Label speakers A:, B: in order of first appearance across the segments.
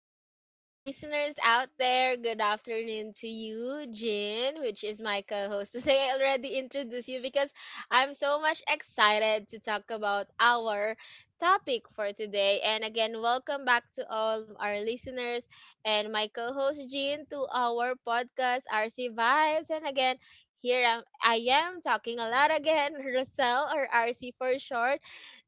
A: afternoon, our listeners out there. Good afternoon to you, Jin, which is my co host today. I already introduced you because I'm so much excited to talk about our topic for today. And again, welcome back to all our listeners and my co host, Jin, to our podcast, RC Vibes. And again, I am talking a lot again, Rosel or RC for short.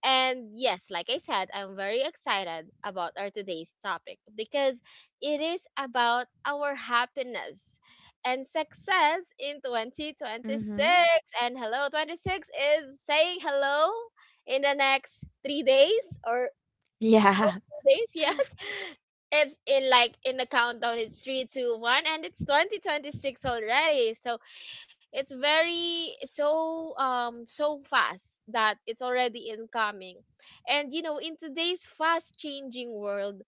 A: And yes, like I said, I'm very excited about our today's topic because it is about our happiness and success in
B: Mm-hmm.
A: 2026. And hello, 26 is saying hello in the next 3 days or so
B: Yeah.
A: days. Yes, it's in like in the countdown, it's three, two, one, and it's 2026 already. So it's very so so fast that it's already incoming. And you know, in today's fast changing world,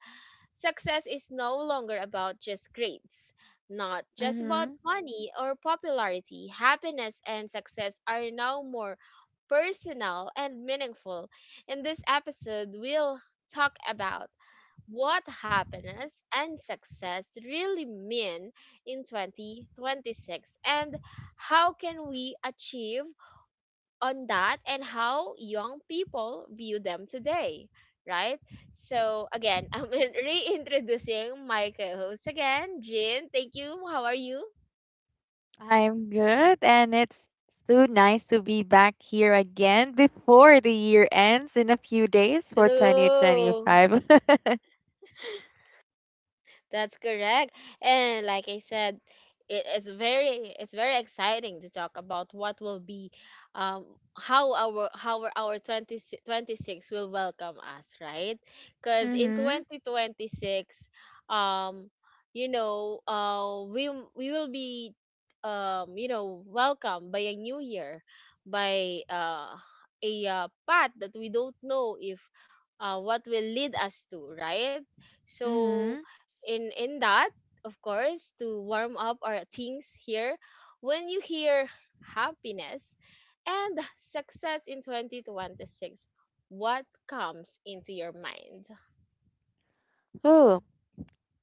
A: success is no longer about just grades, not just about
B: Mm-hmm.
A: money or popularity. Happiness and success are now more personal and meaningful. In this episode, we'll talk about what happiness and success really mean in 2026, and how can we achieve on that, and how young people view them today, right? So again, I'm reintroducing my co-host again, Jean. Thank you. How are you?
B: I'm good, and it's so nice to be back here again before the year ends in a few days for
A: True.
B: 2025. Mm-hmm.
A: That's correct. And like I said, it's very it's very exciting to talk about what will be, um how our 2026 will welcome us, right? Cuz in 2026, um you know, we will be, you know, welcomed by a new year, by a path that we don't know if what will lead us to, right? So
B: Mm-hmm.
A: in that, of course, to warm up our things here, when you hear happiness and success in 2026, what comes into your mind?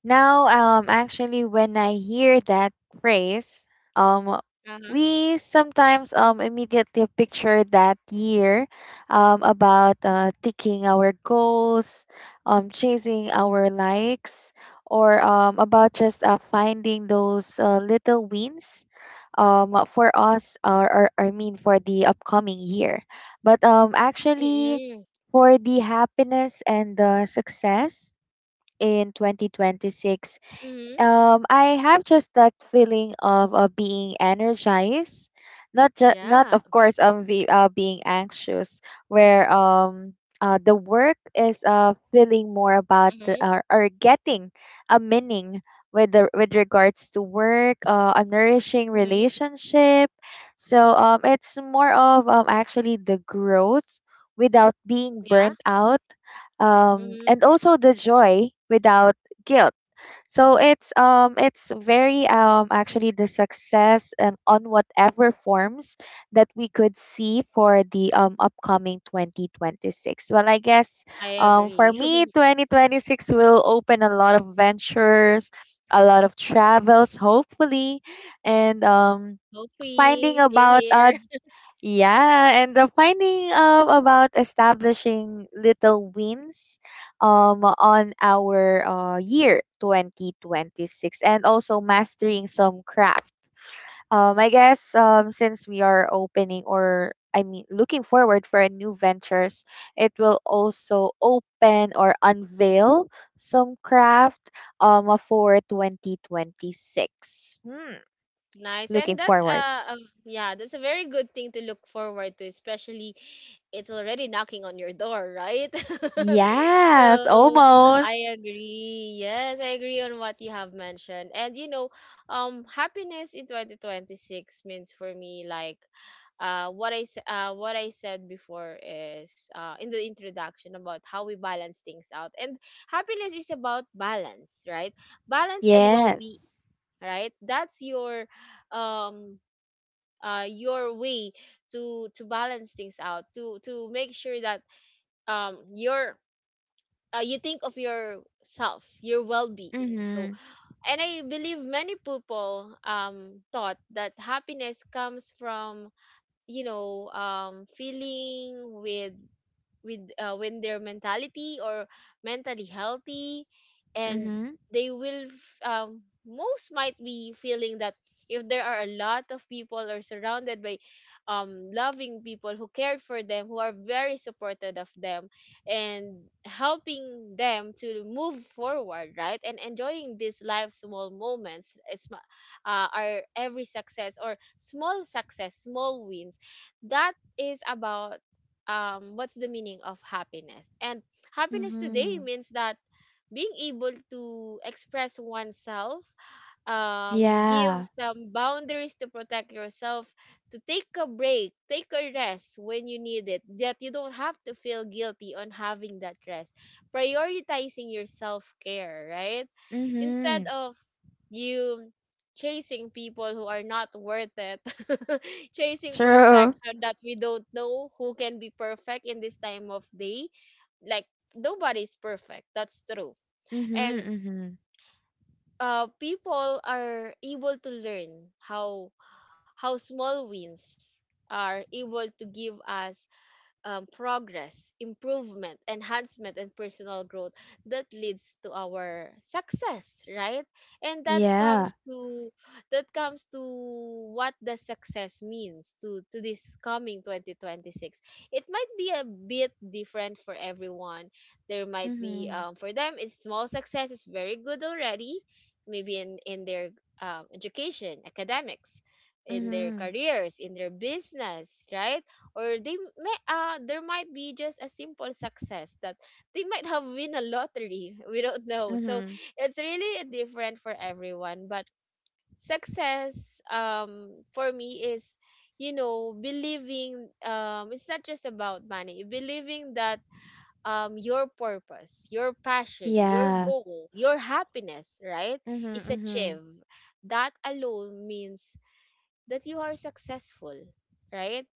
B: Now, actually, when I hear that phrase, um,
A: Uh-huh.
B: we sometimes immediately picture that year, about ticking our goals, chasing our likes, or about just finding those little wins. For us, or, I mean, for the upcoming year, but actually,
A: Mm-hmm.
B: for the happiness and success in 2026,
A: Mm-hmm.
B: I have just that feeling of being energized, not just not
A: Yeah.
B: of course being anxious, where the work is feeling more about the,
A: Mm-hmm.
B: or getting a meaning with the with regards to work, a nourishing
A: Mm-hmm.
B: relationship. So it's more of actually the growth without being
A: Yeah.
B: burnt out,
A: Mm-hmm.
B: and also the joy without guilt. So it's very actually the success and on whatever forms that we could see for the upcoming 2026. Well, I guess
A: I
B: for
A: agree.
B: me 2026 will open a lot of ventures, a lot of travels hopefully, and finding
A: Hoping same
B: about
A: here.
B: yeah, and the finding about establishing little wins on our year 2026, and also mastering some craft. I guess since we are opening, or I mean looking forward for new ventures, it will also open or unveil some craft for 2026. Hmm,
A: Nice. And
B: looking
A: that's
B: forward.
A: a yeah, that's a very good thing to look forward to, especially it's already knocking on your door, right?
B: Yes,
A: So
B: almost.
A: I agree. Yes, I agree on what you have mentioned. And you know, happiness in 2026 means for me like what I said before is in the introduction about how we balance things out. And happiness is about balance, right? Balance and well-being,
B: Yes.
A: right? That's um your way to balance things out, to make sure that your, you think of yourself, your well-being. So,
B: Mhm.
A: and I believe many people thought that happiness comes from, you know, feeling with with when their mentality or mentally healthy. And
B: Mhm.
A: they will most might be feeling that if there are a lot of people or surrounded by loving people who cared for them, who are very supportive of them, and helping them to move forward, right? And enjoying these life small moments are every success, or small success, small wins, that is about what's the meaning of happiness. And happiness today
B: Mhm.
A: means that being able to express oneself, give
B: Yeah.
A: some boundaries to protect yourself, to take a break, take a rest when you need it, that you don't have to feel guilty on having that rest, prioritizing your self care, right? Instead
B: Mhm.
A: of you chasing people who are not worth it, chasing
B: True.
A: perfection that we don't know who can be perfect in this time of day. Like, nobody's perfect, that's true.
B: Mhm.
A: And
B: Mhm.
A: people are able to learn how small wins are able to give us progress, improvement, enhancement, and personal growth that leads to our success, right? And
B: Yeah.
A: that comes to what the success means to this coming 2026. It might be a bit different for everyone. There might be,
B: Mhm.
A: for them it's small success. It's very good already, maybe in their education, academics, in their
B: Mhm.
A: careers, in their business, right? Or they may there might be just a simple success that they might have win a lottery. We don't know. So
B: Mhm.
A: it's really different for everyone, but success, for me, is, you know, believing, it's not just about money, believing that your purpose, your passion, your
B: Yeah.
A: goal, your happiness, right,
B: Mhm.
A: is
B: Mhm.
A: achieved. That alone means that you are successful, right?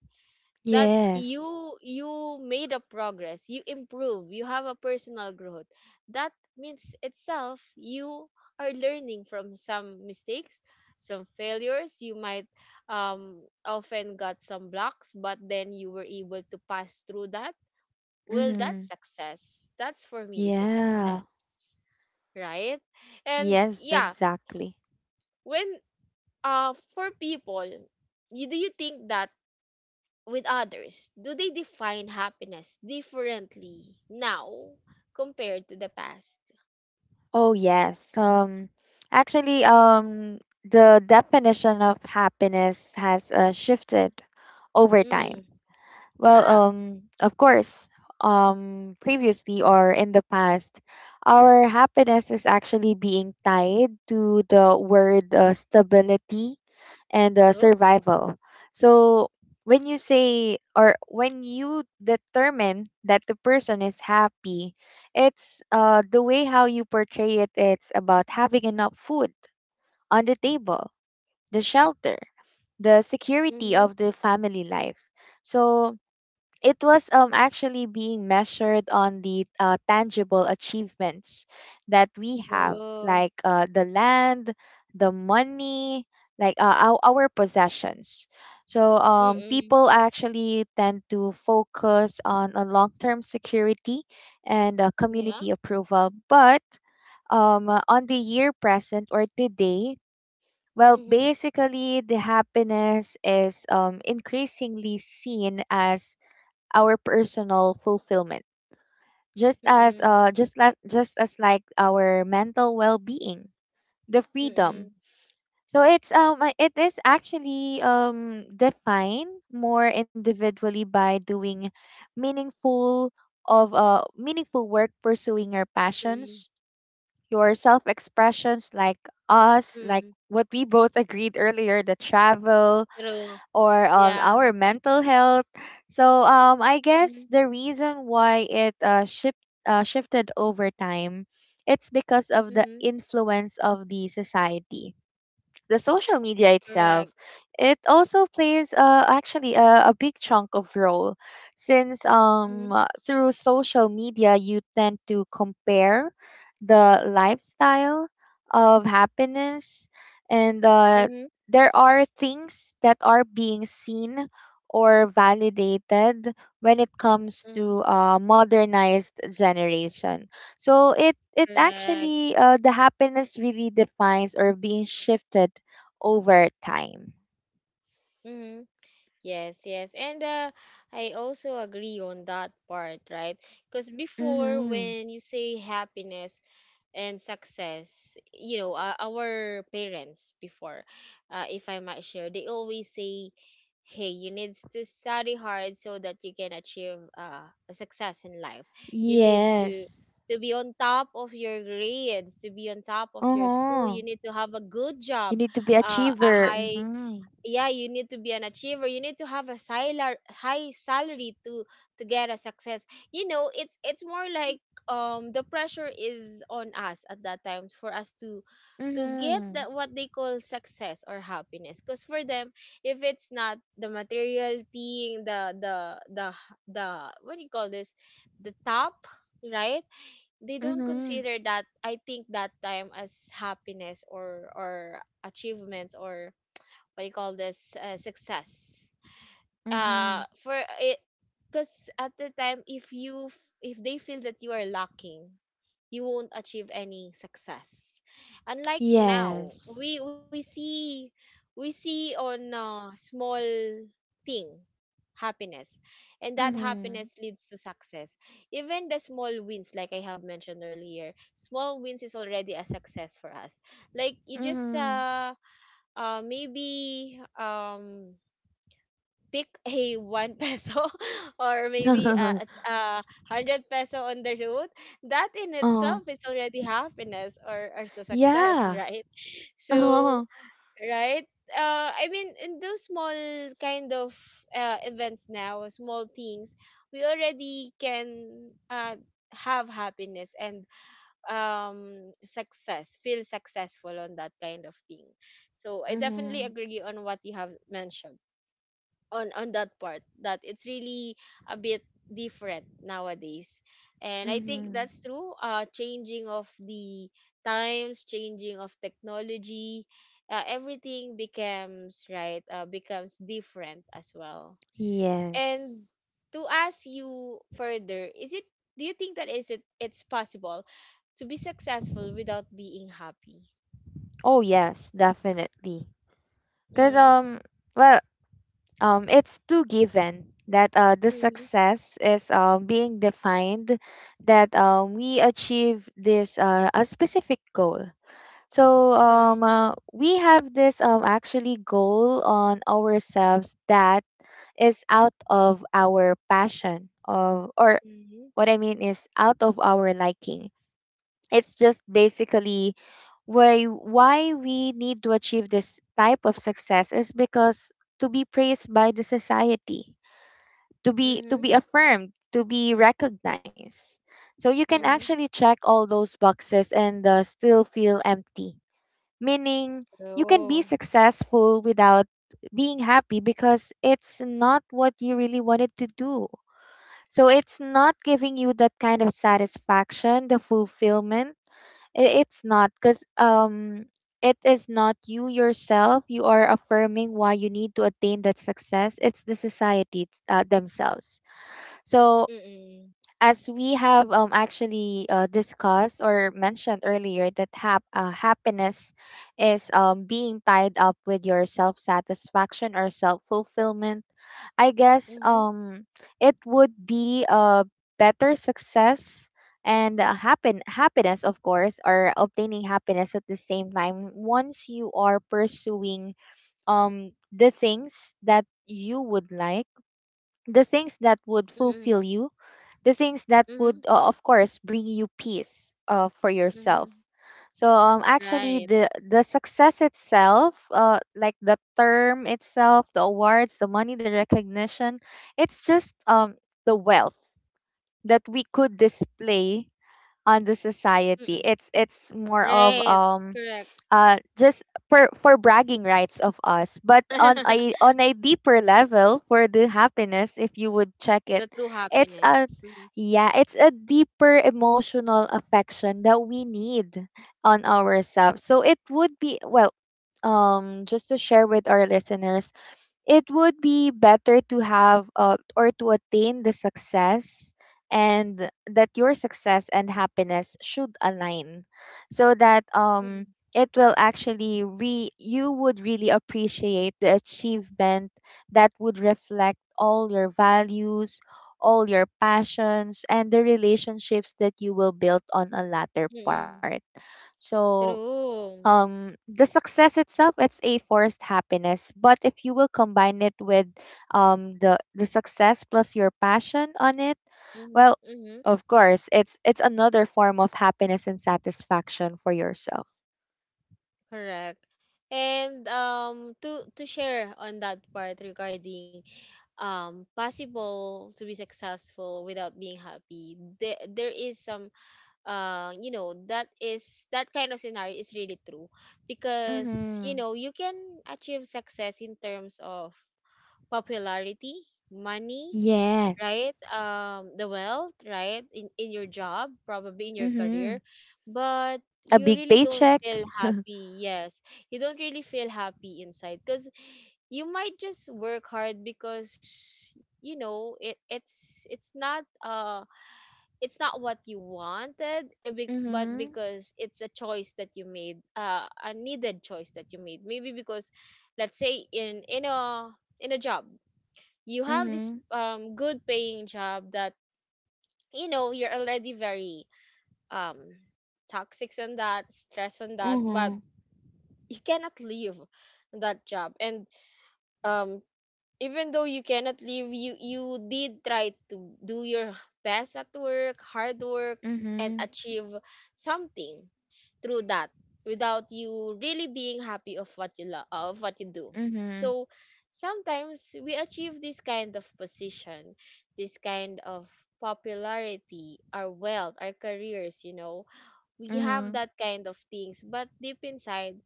A: That
B: Yes.
A: you made a progress, you improve, you have a personal growth. That means itself you are learning from some mistakes, some failures. You might often got some blocks, but then you were able to pass through that. Well, that's
B: Mhm.
A: success. That's for me is a
B: Yeah.
A: success, right? And
B: Yes,
A: yeah,
B: exactly.
A: when uh for people do you think that with others, do they define happiness differently now compared to the past?
B: Oh, yes. Actually, the definition of happiness has shifted over time.
A: Mm,
B: Well,
A: yeah,
B: of course, previously or in the past, our happiness is actually being tied to the word stability and
A: true.
B: survival. So when you say or when you determine that the person is happy, it's the way how you portray it. It's about having enough food on the table, the shelter, the security
A: Mm-hmm,
B: of the family life. So it was actually being measured on the tangible achievements that we have,
A: true.
B: like the land, the money, like our possessions. So
A: Mm-mm,
B: people actually tend to focus on a long-term security and
A: yeah.
B: community approval. But on the year present or today, well,
A: Mm-hmm.
B: basically the happiness is increasingly seen as our personal fulfillment. Just as
A: Mm-mm.
B: like our mental well-being, the freedom.
A: Mm-mm.
B: So it is actually defined more individually by doing meaningful meaningful work, pursuing your
A: Mm-mm.
B: passions, your self-expressions, like us, like
A: Mm-mm.
B: what we both agreed earlier, the travel,
A: True.
B: or
A: Yeah.
B: our mental health. So I
A: Mm-hmm.
B: guess the reason why it shifted over time, it's because of the
A: Mm-hmm.
B: influence of the society, the social media
A: Correct.
B: itself. It also plays actually a big chunk of role, since
A: Mm-hmm.
B: through social media you tend to compare the lifestyle of happiness, and
A: Mm-hmm.
B: there are things that are being seen or validated when it comes
A: Mm-hmm.
B: to modernized generation. So it
A: Correct.
B: actually the happiness really defines or being shifted over time.
A: Mm-hmm. Yes, yes. And I also agree on that part, right? Because before,
B: Mm-hmm.
A: when you say happiness and success, you know, our parents before, if I might share, they always say, hey, you need to study hard so that you can achieve a success in life. You need to
B: Yes.
A: be on top of your grades, to be on top of your
B: Uh-huh.
A: school. You need to have a good
B: You
A: job,
B: need to be
A: a
B: achiever.
A: high
B: Mm-hmm.
A: yeah, you need to be an achiever, you need to have high salary to get a success. You know, it's more like, the pressure is on us at that time for us to get
B: Mm-hmm.
A: that what they call success or happiness, because for them, if it's not the material thing, the the what do you call this, the top, right? They don't
B: Mm-hmm.
A: consider that, I think, that time as happiness, or achievements, or what you call this, success
B: Mm-hmm.
A: for it. Because at the time if you if they feel that you are lacking, you won't achieve any success, unlike now.
B: Yes.
A: We see we see on small thing happiness, and that
B: Mm-hmm.
A: happiness leads to success. Even the small wins, like I have mentioned earlier, small wins is already a success for us. Like you just maybe pick a one peso or maybe
B: Mm-hmm.
A: hundred peso on the road, that in
B: uh,
A: itself is already happiness, or success,
B: yeah.
A: right? So,
B: Uh-huh.
A: right? I mean, in those small kind of events now, small things, we already can have happiness and, success, feel successful on that kind of thing. So I definitely
B: Mm-hmm.
A: agree on what you have mentioned on that part, that it's really a bit different nowadays. And I think
B: Mm-hmm.
A: that's true. Changing of the times, changing of technology, everything becomes right, becomes different as well.
B: Yes.
A: And to ask you further, is it, do you think that, is it it's possible to be successful without being happy?
B: Oh yes, definitely. Cause
A: Mm-hmm.
B: well, it's too given that the
A: Mm-hmm.
B: success is being defined that we achieve this a specific goal. So
A: Mm-hmm.
B: we have this actually goal on ourselves that is out of our passion of, or what I mean is out of our liking. It's just basically why we need to achieve this type of success is because to be praised by the society, to
A: Mm-hmm.
B: be affirmed, to be recognized. So you can
A: Mm-hmm.
B: actually check all those boxes and still feel empty, meaning you can be
A: True.
B: successful without being happy because it's not what you really wanted to do. So it's not giving you that kind of satisfaction, the fulfillment. It's not because it is not you yourself you are affirming why you need to attain that success. It's the society, it's, themselves. So,
A: Mm-mm.
B: as we have actually discussed or mentioned earlier, that happiness is being tied up with your self satisfaction or self fulfillment. I guess
A: Mhm.
B: it would be a better success and happen happiness, of course, or obtaining happiness at the same time once you are pursuing the things that you would like, the things that would
A: Mm.
B: fulfill you, the things that
A: Mhm.
B: would, of course, bring you peace for yourself.
A: Mhm.
B: So actually,
A: Right.
B: the success itself, like the term itself, the awards, the money, the recognition, it's just the wealth that we could display on the society.
A: Mm.
B: It's more of
A: Right. Correct.
B: just for bragging rights of us. But on a deeper level for the happiness, if you would check it,
A: The true
B: it's
A: happiness.
B: a
A: Mm.
B: yeah, it's a deeper emotional affection that we need on ourselves. So it would be well just to share with our listeners, it would be better to have or to attain the success, and that your success and happiness should align so that
A: Mm.
B: it will actually re you would really appreciate the achievement that would reflect all your values, all your passions, and the relationships that you will build on a latter part.
A: Mm.
B: So
A: True.
B: the success itself, it's a forced happiness. But if you will combine it with the success plus your passion on it,
A: Mhm.
B: well,
A: Mhm.
B: of course it's another form of happiness and satisfaction for yourself.
A: Correct. And to share on that part regarding possible to be successful without being happy, there is some, you know, that is, that kind of scenario is really true. Because you know
B: Mhm.
A: you can achieve success in terms of popularity, money,
B: Yes.
A: right, the wealth, right, in your job, probably in your career,
B: Mhm.
A: but
B: A
A: you
B: big
A: really don't
B: paycheck.
A: feel happy. Yes, you don't really feel happy inside, because you might just work hard because, you know, it's not what you wanted, but
B: Mhm.
A: because it's a choice that you made, a needed choice that you made, maybe because let's say in in a job, you have this
B: Mhm.
A: good paying job that, you know, you're already very um toxic on that, stress on that, but
B: Mm-hmm.
A: you cannot leave that job. And um even though you cannot leave, you did try to do your best at work, hard work, and
B: Mhm.
A: achieve something through that without you really being happy of what you love, of what you do.
B: Mhm.
A: So sometimes we achieve this kind of position, this kind of popularity, our wealth, our careers, you know, we have
B: Mhm.
A: that kind of things, but deep inside,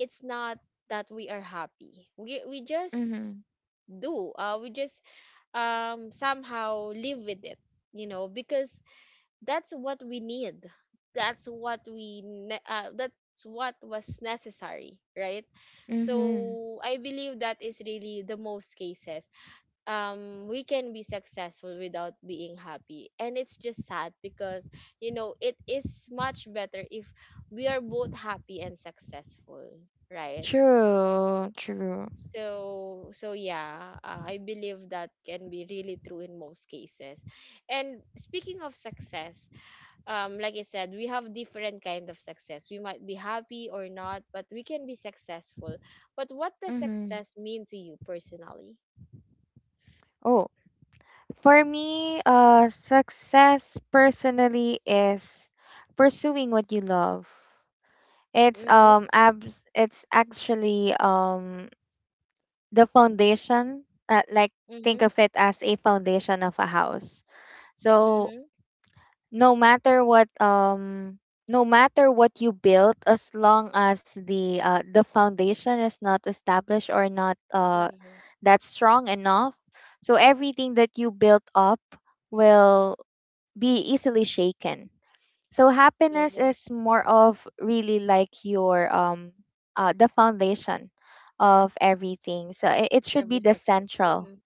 A: it's not that we are happy. We just
B: Mhm.
A: do we just somehow live with it, you know, because that's what we need. That's what was necessary, right?
B: Mhm.
A: So I believe that is really the most cases. We can be successful without being happy, and it's just sad because, you know, it is much better if we are both happy and successful, right?
B: True, true.
A: So, so yeah, I believe that can be really true in most cases. And speaking of success, like I said, we have different kind of success. We might be happy or not, but we can be successful. But what does
B: Mhm.
A: success mean to you personally?
B: Oh, for me, success personally is pursuing what you love. It's
A: Mm-hmm,
B: abs it's actually the foundation, like, think
A: mm-hmm,
B: of it as a foundation of a house. So
A: mm-hmm,
B: no matter what um no matter what you build, as long as the foundation is not established or not
A: mm-hmm.
B: that's strong enough. So everything that you built up will be easily shaken. So happiness
A: True.
B: is more of really like your the foundation of everything. So it should be
A: Every
B: the
A: success.
B: central.
A: Mm-hmm,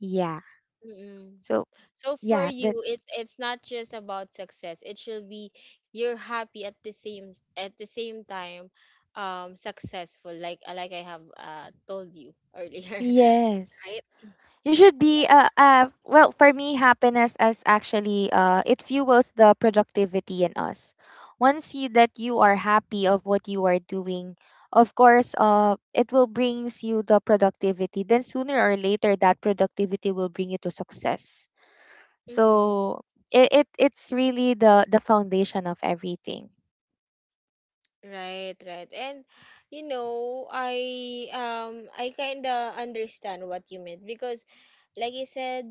B: Yeah.
A: mm-hmm,
B: So
A: so for
B: yeah,
A: you,
B: that's
A: it's not just about success. It should be you're happy at the same time, successful. Like I have told you earlier,
B: yes.
A: right?
B: You should be
A: Yeah.
B: well, for me happiness is actually it fuels the productivity in us. Once you that you are happy of what you are doing, of course it will brings you the productivity. Then sooner or later that productivity will bring you to success.
A: Mm-mm.
B: So it's really the foundation of everything.
A: Right, right. And you know, I kind of understand what you meant because like I said,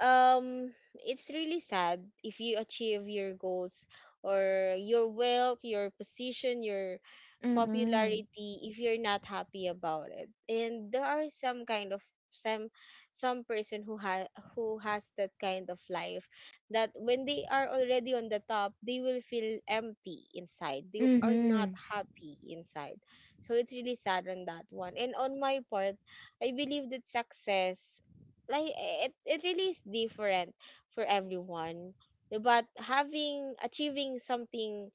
A: it's really sad if you achieve your goals or your wealth, your position, your
B: Mm-hmm.
A: popularity if you're not happy about it, and there are some kind of some some person who has that kind of life, that when they are already on the top, they will feel empty inside, they are not
B: Mm-hmm.
A: happy inside. So it's really sad on that one, and on my part, I believe that success, like it really is different for everyone. But having achieving something,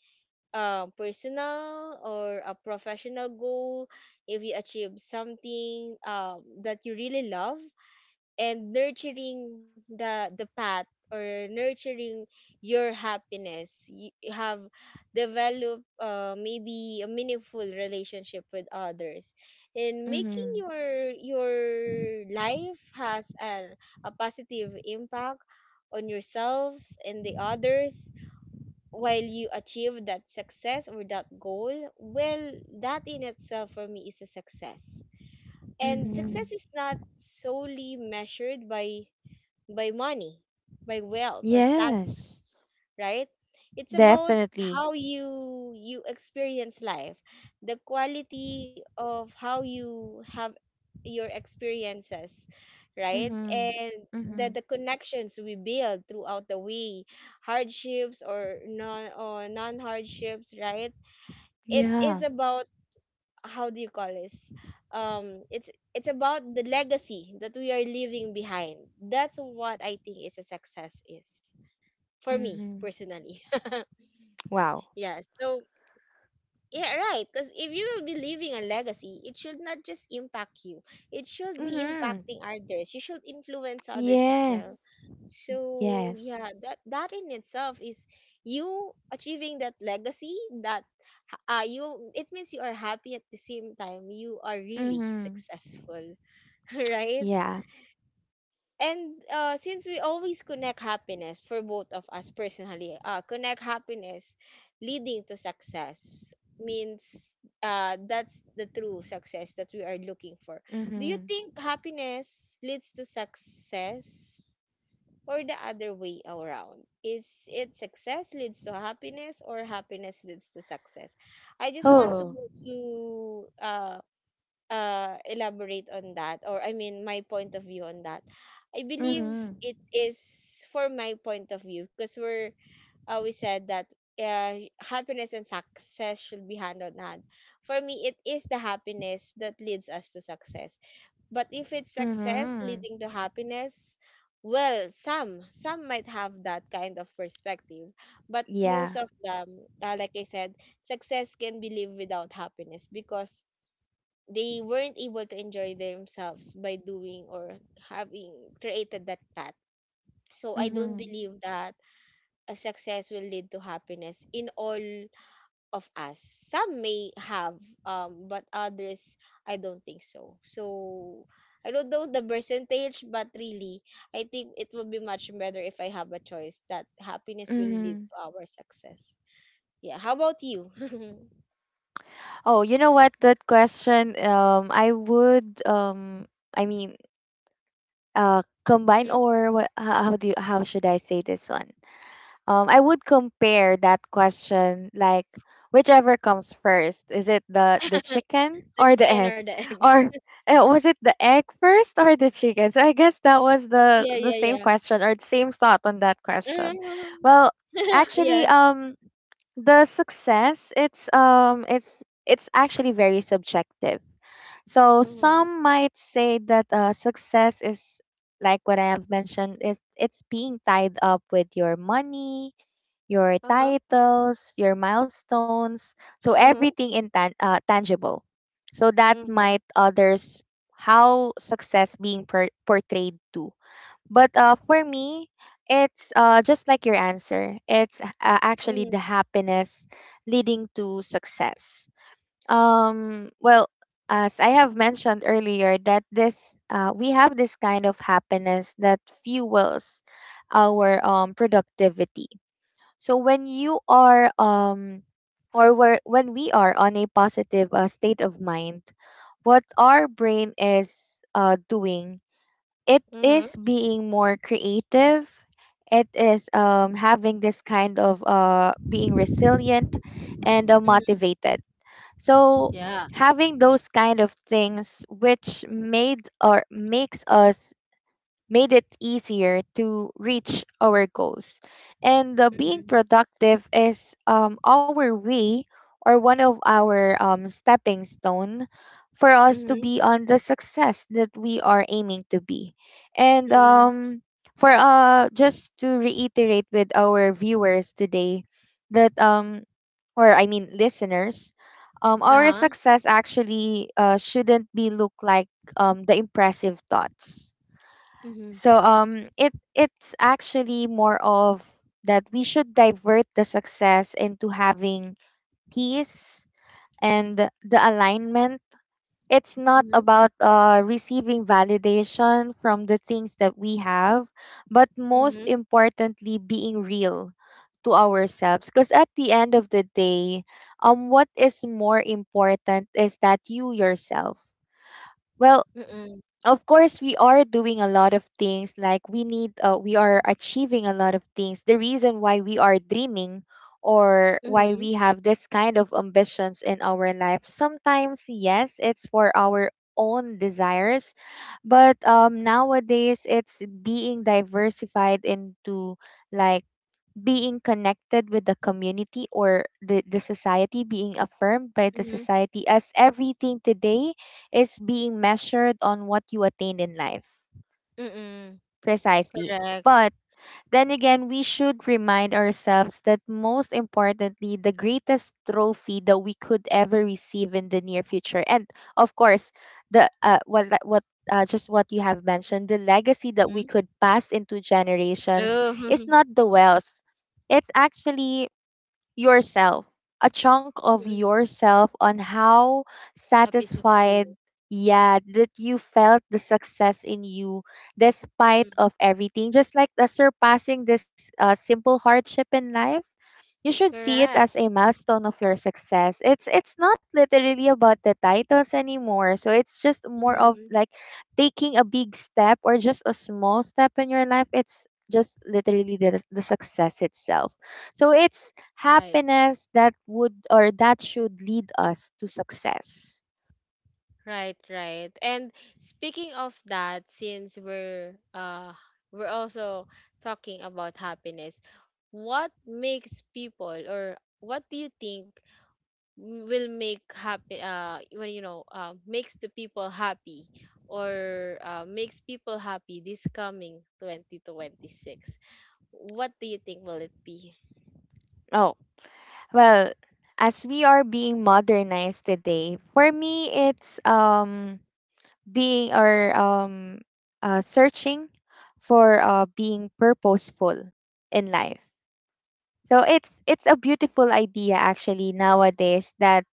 A: personal or a professional goal, if you achieve something, that you really love, and nurturing the path or nurturing your happiness, you have developed, maybe a meaningful relationship with others, and making
B: Mm-hmm.
A: your life has an, a positive impact on yourself and the others, while you achieve that success or that goal, well, that in itself for me is a success. And
B: Mm-hmm.
A: success is not solely measured by money, by wealth or
B: Yes,
A: status, right? It's about
B: definitely.
A: how you experience life, the quality of how you have your experiences, right?
B: Mm-hmm.
A: And the,
B: Mm-hmm.
A: the connections we build throughout the way, hardships or non hardships, right? It is
B: Yeah.
A: about how do you call this, um it's it's about the legacy that we are leaving behind. That's what I think is a success is, for me
B: Mm-hmm.
A: personally.
B: Wow.
A: Yeah, so yeah, right. Because if you will be leaving a legacy, it should not just impact you, it should be
B: Mm-hmm.
A: impacting others. You should influence others as
B: Yes.
A: well. So
B: Yes.
A: yeah, that in itself is you achieving that legacy that you it means you are happy at the same time you are really
B: Mm-hmm.
A: successful, right?
B: Yeah.
A: And since we always connect happiness for both of us personally, connect happiness leading to success means, that's the true success that we are looking for. Do you
B: Mm-hmm.
A: think happiness leads to success, or the other way around, is it success leads to happiness or happiness leads to success? I just want
B: Oh.
A: to elaborate on that, or I mean, my point of view on that. I believe
B: Mhm.
A: it is, for my point of view, because we're we said that happiness and success should be hand on hand. For me, it is the happiness that leads us to success. But if it's success
B: Mhm.
A: leading to happiness, well, some might have that kind of perspective, but
B: Yeah.
A: most of them, like I said, success can be lived without happiness because they weren't able to enjoy themselves by doing or having created that path. So I don't
B: Mhm.
A: believe that a success will lead to happiness in all of us. Some may have, but others I don't think so. So I don't know the percentage, but really, I think it would be much better if I have a choice that happiness will lead
B: Mhm.
A: to our success. Yeah. How about you?
B: Oh, you know what? That question, I would, I mean, combine
A: Mhm.
B: or what, how do you, how should I say this one? I would compare that question like whichever comes first. Is it the chicken
A: The
B: or the
A: chicken or
B: egg?
A: the egg?
B: Or was it the egg first or the chicken? So I guess that was
A: Yeah,
B: the same
A: yeah,
B: question or the same thought on that question.
A: mhm.
B: Well, actually,
A: Yes.
B: the success it's actually very subjective. So
A: Mhm.
B: some might say that success is like what I have mentioned, is it's being tied up with your money, your
A: Uh-huh.
B: titles, your milestones, so
A: Mhm.
B: everything in tangible. So that
A: Mhm.
B: might others how success being portrayed too. But for me, it's just like your answer. It's actually the
A: Mhm.
B: happiness leading to success. Well, as I have mentioned earlier, that this we have this kind of happiness that fuels our productivity. So when you are or where when we are on a positive state of mind, what our brain is doing, it
A: Mhm.
B: is being more creative. It is having this kind of being resilient and
A: Mhm.
B: motivated. So
A: Yeah.
B: having those kind of things which made or makes us made it easier to reach our goals. And being
A: Mhm.
B: productive is our way or one of our stepping stone for us to
A: Mhm.
B: be on the success that we are aiming to be. And
A: Mhm.
B: for just to reiterate with our viewers today that or I mean listeners, our
A: Uh-huh.
B: success actually shouldn't be look like the impressive thoughts.
A: Mhm.
B: So it it's actually more of that we should divert the success into having peace and the alignment. It's not
A: Mhm.
B: about receiving validation from the things that we have, but most
A: Mhm.
B: importantly, being real to ourselves. Because at the end of the day, what is more important is that you yourself. Well,
A: Mhm.
B: of course we are doing a lot of things like we need we are achieving a lot of things, the reason why we are dreaming or why
A: Mhm.
B: we have this kind of ambitions in our life, sometimes yes it's for our own desires, but nowadays it's being diversified into like being connected with the community or the society, being affirmed by the
A: Mhm.
B: society, as everything today is being measured on what you attain in life.
A: Mhm.
B: Precisely.
A: Correct.
B: But then again, we should remind ourselves that most importantly, the greatest trophy that we could ever receive in the near future, and of course, the what li- what just what you have mentioned, the legacy that we
A: Mhm.
B: could pass into generations is
A: True.
B: not the wealth, it's actually yourself, a chunk of
A: Mhm.
B: yourself on how
A: A piece of you.
B: satisfied, yeah, that you felt the success in you despite
A: Mhm.
B: of everything, just like the surpassing this simple hardship in life. You should see it as a
A: Correct.
B: milestone of your success. It's not literally about the titles anymore. So it's just more of
A: Mhm.
B: like taking a big step or just a small step in your life. It's just literally the success itself. So it's
A: Right.
B: happiness that would, or that should, lead us to success.
A: Right, right. And speaking of that, since we're also talking about happiness, what makes people or what do you think will make happy when you know makes the people happy or makes people happy this coming 2026? What do you think will it be?
B: Oh, well, as we are being modernized today, for me it's being or searching for being purposeful in life. So it's a beautiful idea actually nowadays that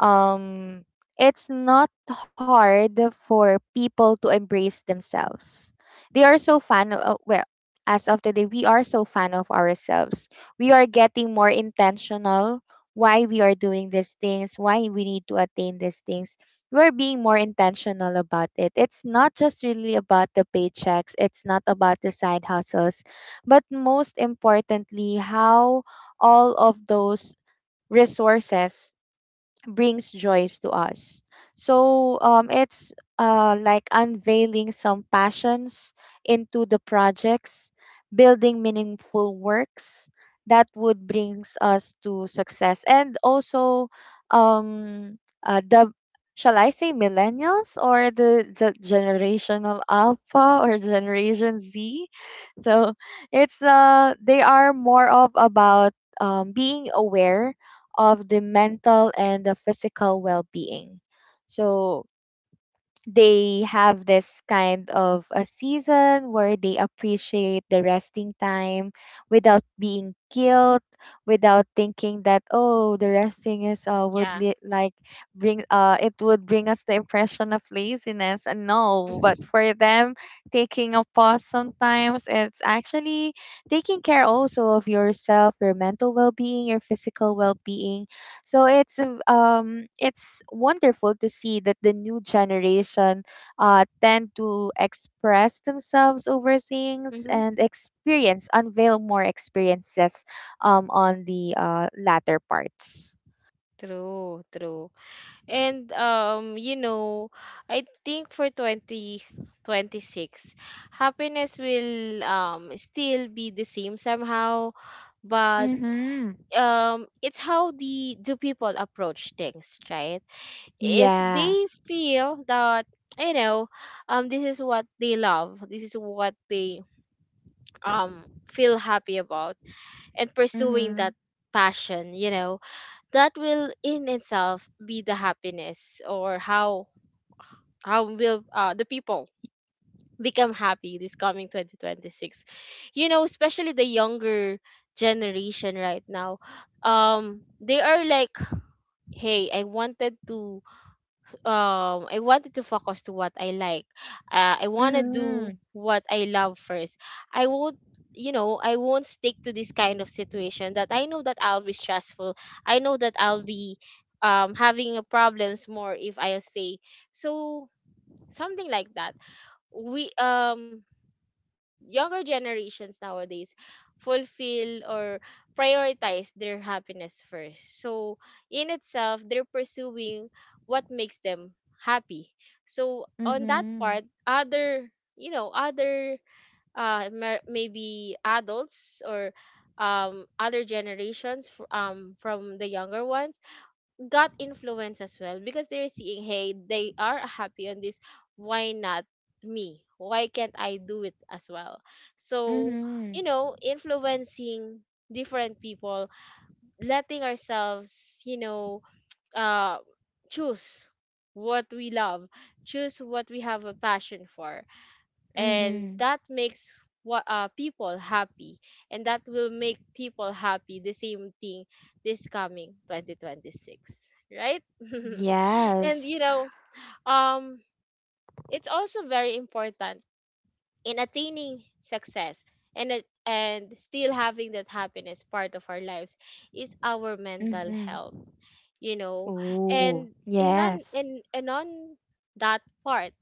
B: um it's not hard for people to embrace themselves. They are so fan of, well, as of today we are so fan of ourselves. We are getting more intentional why we are doing these things, why we need to attain these things. We're being more intentional about it. It's not just really about the paychecks, it's not about the side hustles, but most importantly, how all of those resources brings joys to us. So it's like unveiling some passions into the projects, building meaningful works that would brings us to success, and also um, the, shall I say, millennials or the generational alpha or generation Z? So it's they are more of about being aware of the mental and the physical well-being. So they have this kind of a season where they appreciate the resting time without being guilt, without thinking that, oh, the resting is
A: Yeah.
B: like bring it would bring us the impression of laziness, and no, but for them taking a pause sometimes it's actually taking care also of yourself, your mental well-being, your physical well-being. So it's it's wonderful to see that the new generation tend to express themselves over things
A: Mhm.
B: and experience, unveil more experiences on the latter parts.
A: True, true. And you know, I think for 2026, happiness will still be the same somehow, but
B: Mm-hmm.
A: it's how the do people approach things, right? If
B: Yeah.
A: they feel that you know, this is what they love, this is what they um feel happy about and pursuing
B: Mm-hmm.
A: that passion, you know, that will in itself be the happiness. Or how will the people become happy this coming 2026? You know, especially the younger generation right now, they are like, hey, I wanted to I wanted to focus to what I like, I want to
B: Mm-hmm.
A: do what I love first. I won't, you know, I won't stick to this kind of situation that I know that I'll be stressful, I know that I'll be having a problems more if I stay. So something like that. We younger generations nowadays fulfill or prioritize their happiness first. So in itself, they're pursuing what makes them happy. So on that
B: Mm-hmm.
A: part, other, you know, other maybe adults or other generations from the younger ones got influence as well, because they're seeing, hey, they are happy on this, why not me, why can't I do it as well? So,
B: Mm-hmm.
A: you know, influencing different people, letting ourselves, you know, uh choose what we love, choose what we have a passion for. And
B: Hmm.
A: that makes what, people happy. And that will make people happy the same thing this coming 2026, right? And
B: Yes.
A: you know, um it's also very important in attaining success, and it- and still having that happiness part of our lives, is our mental
B: Mm-hmm.
A: health, you know.
B: Ooh,
A: And in on
B: yes.
A: in and on that part,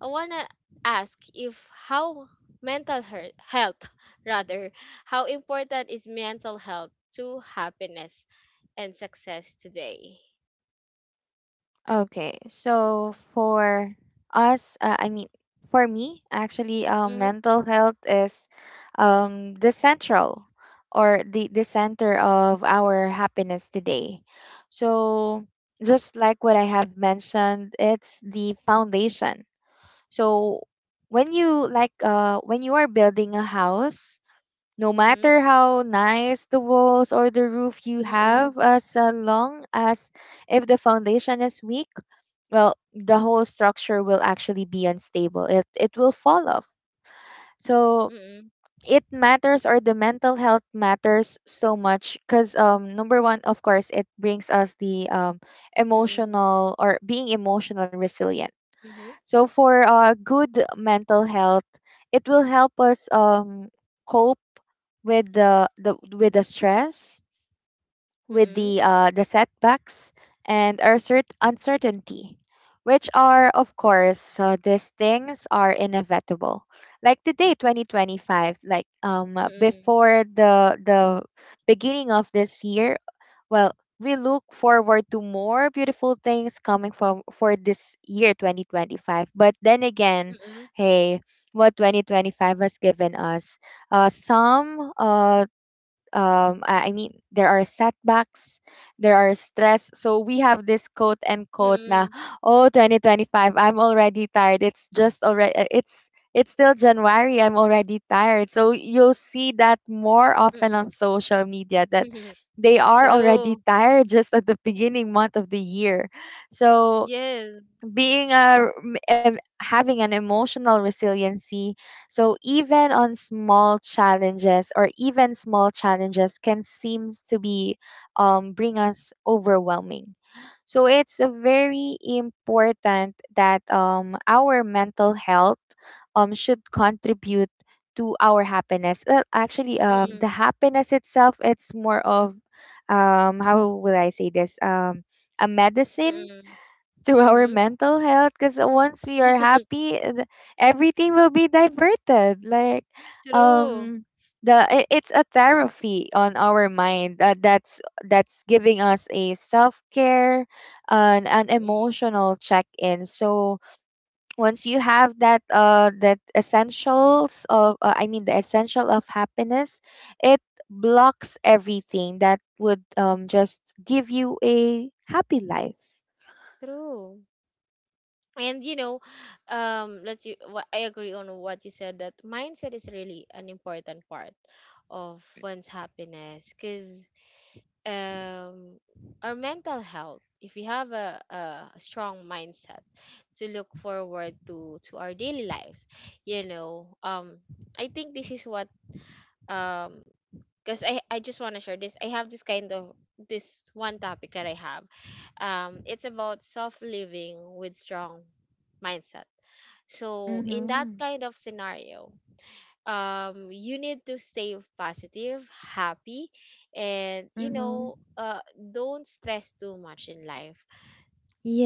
A: I want to ask if how health rather, how important is mental health to happiness and success today?
B: Okay, so for us, I mean, for me, actually,
A: Mhm,
B: mental health is the central or the center of our happiness today. So, just like what I have mentioned, it's the foundation. So, when you like, when you are building a house, no
A: mhm,
B: matter how nice the walls or the roof you
A: mhm,
B: have, as long as if the foundation is weak, well, the whole structure will actually be unstable. It will fall off. So it matters, or the mental health matters so much, because number one, of course, it brings us the
A: mhm,
B: emotional, or being emotional resilient.
A: mhm,
B: So for good mental health, it will help us cope with the with the stress, with
A: mhm,
B: the setbacks and our uncertainty, which are of course, these things are inevitable. Like today, 2025, like
A: mhm, mhm,
B: before the beginning of this year, well, we look forward to more beautiful things coming from for this year 2025. But then again,
A: mhm,
B: hey, what 2025 has given us, some I mean, there are setbacks, there are stress, so we have this quote and quote
A: mhm,
B: na, oh, 2025, I'm already tired, it's just already, it's still January, I'm already tired. So you'll see that more
A: mhm,
B: often on social
A: mhm.
B: media, that they are
A: True.
B: already tired just at the beginning month of the year. So
A: Yes.
B: being having an emotional resiliency, so even on small challenges, or even small challenges can seem to be bring us overwhelming. So it's a very important that our mental health should contribute to our happiness. Well, actually,
A: Mhm,
B: the happiness itself, it's more of how will I say this, a medicine
A: mhm,
B: to our
A: mhm.
B: mental health, because once we are happy, everything will be diverted, like
A: True.
B: um the it's a therapy on our mind, that that's giving us a self-care and an
A: Mm-mm.
B: emotional check-in. So once you have that that essentials of the essential of happiness, it blocks everything that would just give you a happy life.
A: True. And you know, I agree on what you said, that mindset is really an important part of one's happiness, because um our mental health, if we have a strong mindset to look forward to our daily lives, you know, I think this is what um because I just want to share this. I have this kind of this one topic that I have. It's about soft living with strong mindset. So in that
B: Mm-hmm.
A: kind of scenario, you need to stay positive, happy, and you
B: Mhm.
A: know, don't stress too much in life.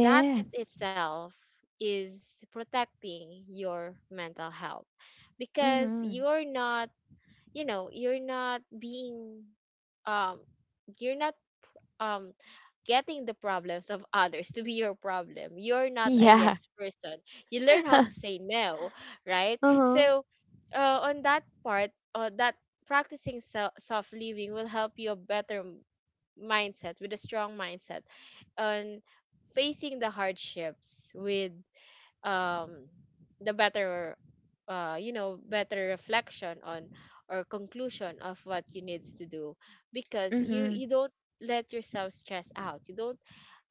A: That in itself is protecting your mental health, because
B: Mhm.
A: you're not, you know, you're not being um you're not um getting the problems of others to be your problem, you're not a
B: Yeah.
A: yes person, you learn how to say no, right?
B: Uh-huh.
A: So on that part, that practicing soft living will help you better mindset, with a strong mindset on facing the hardships with um the better you know better reflection on or conclusion of what you needs to do, because
B: Mhm.
A: you don't let yourself stress out, you don't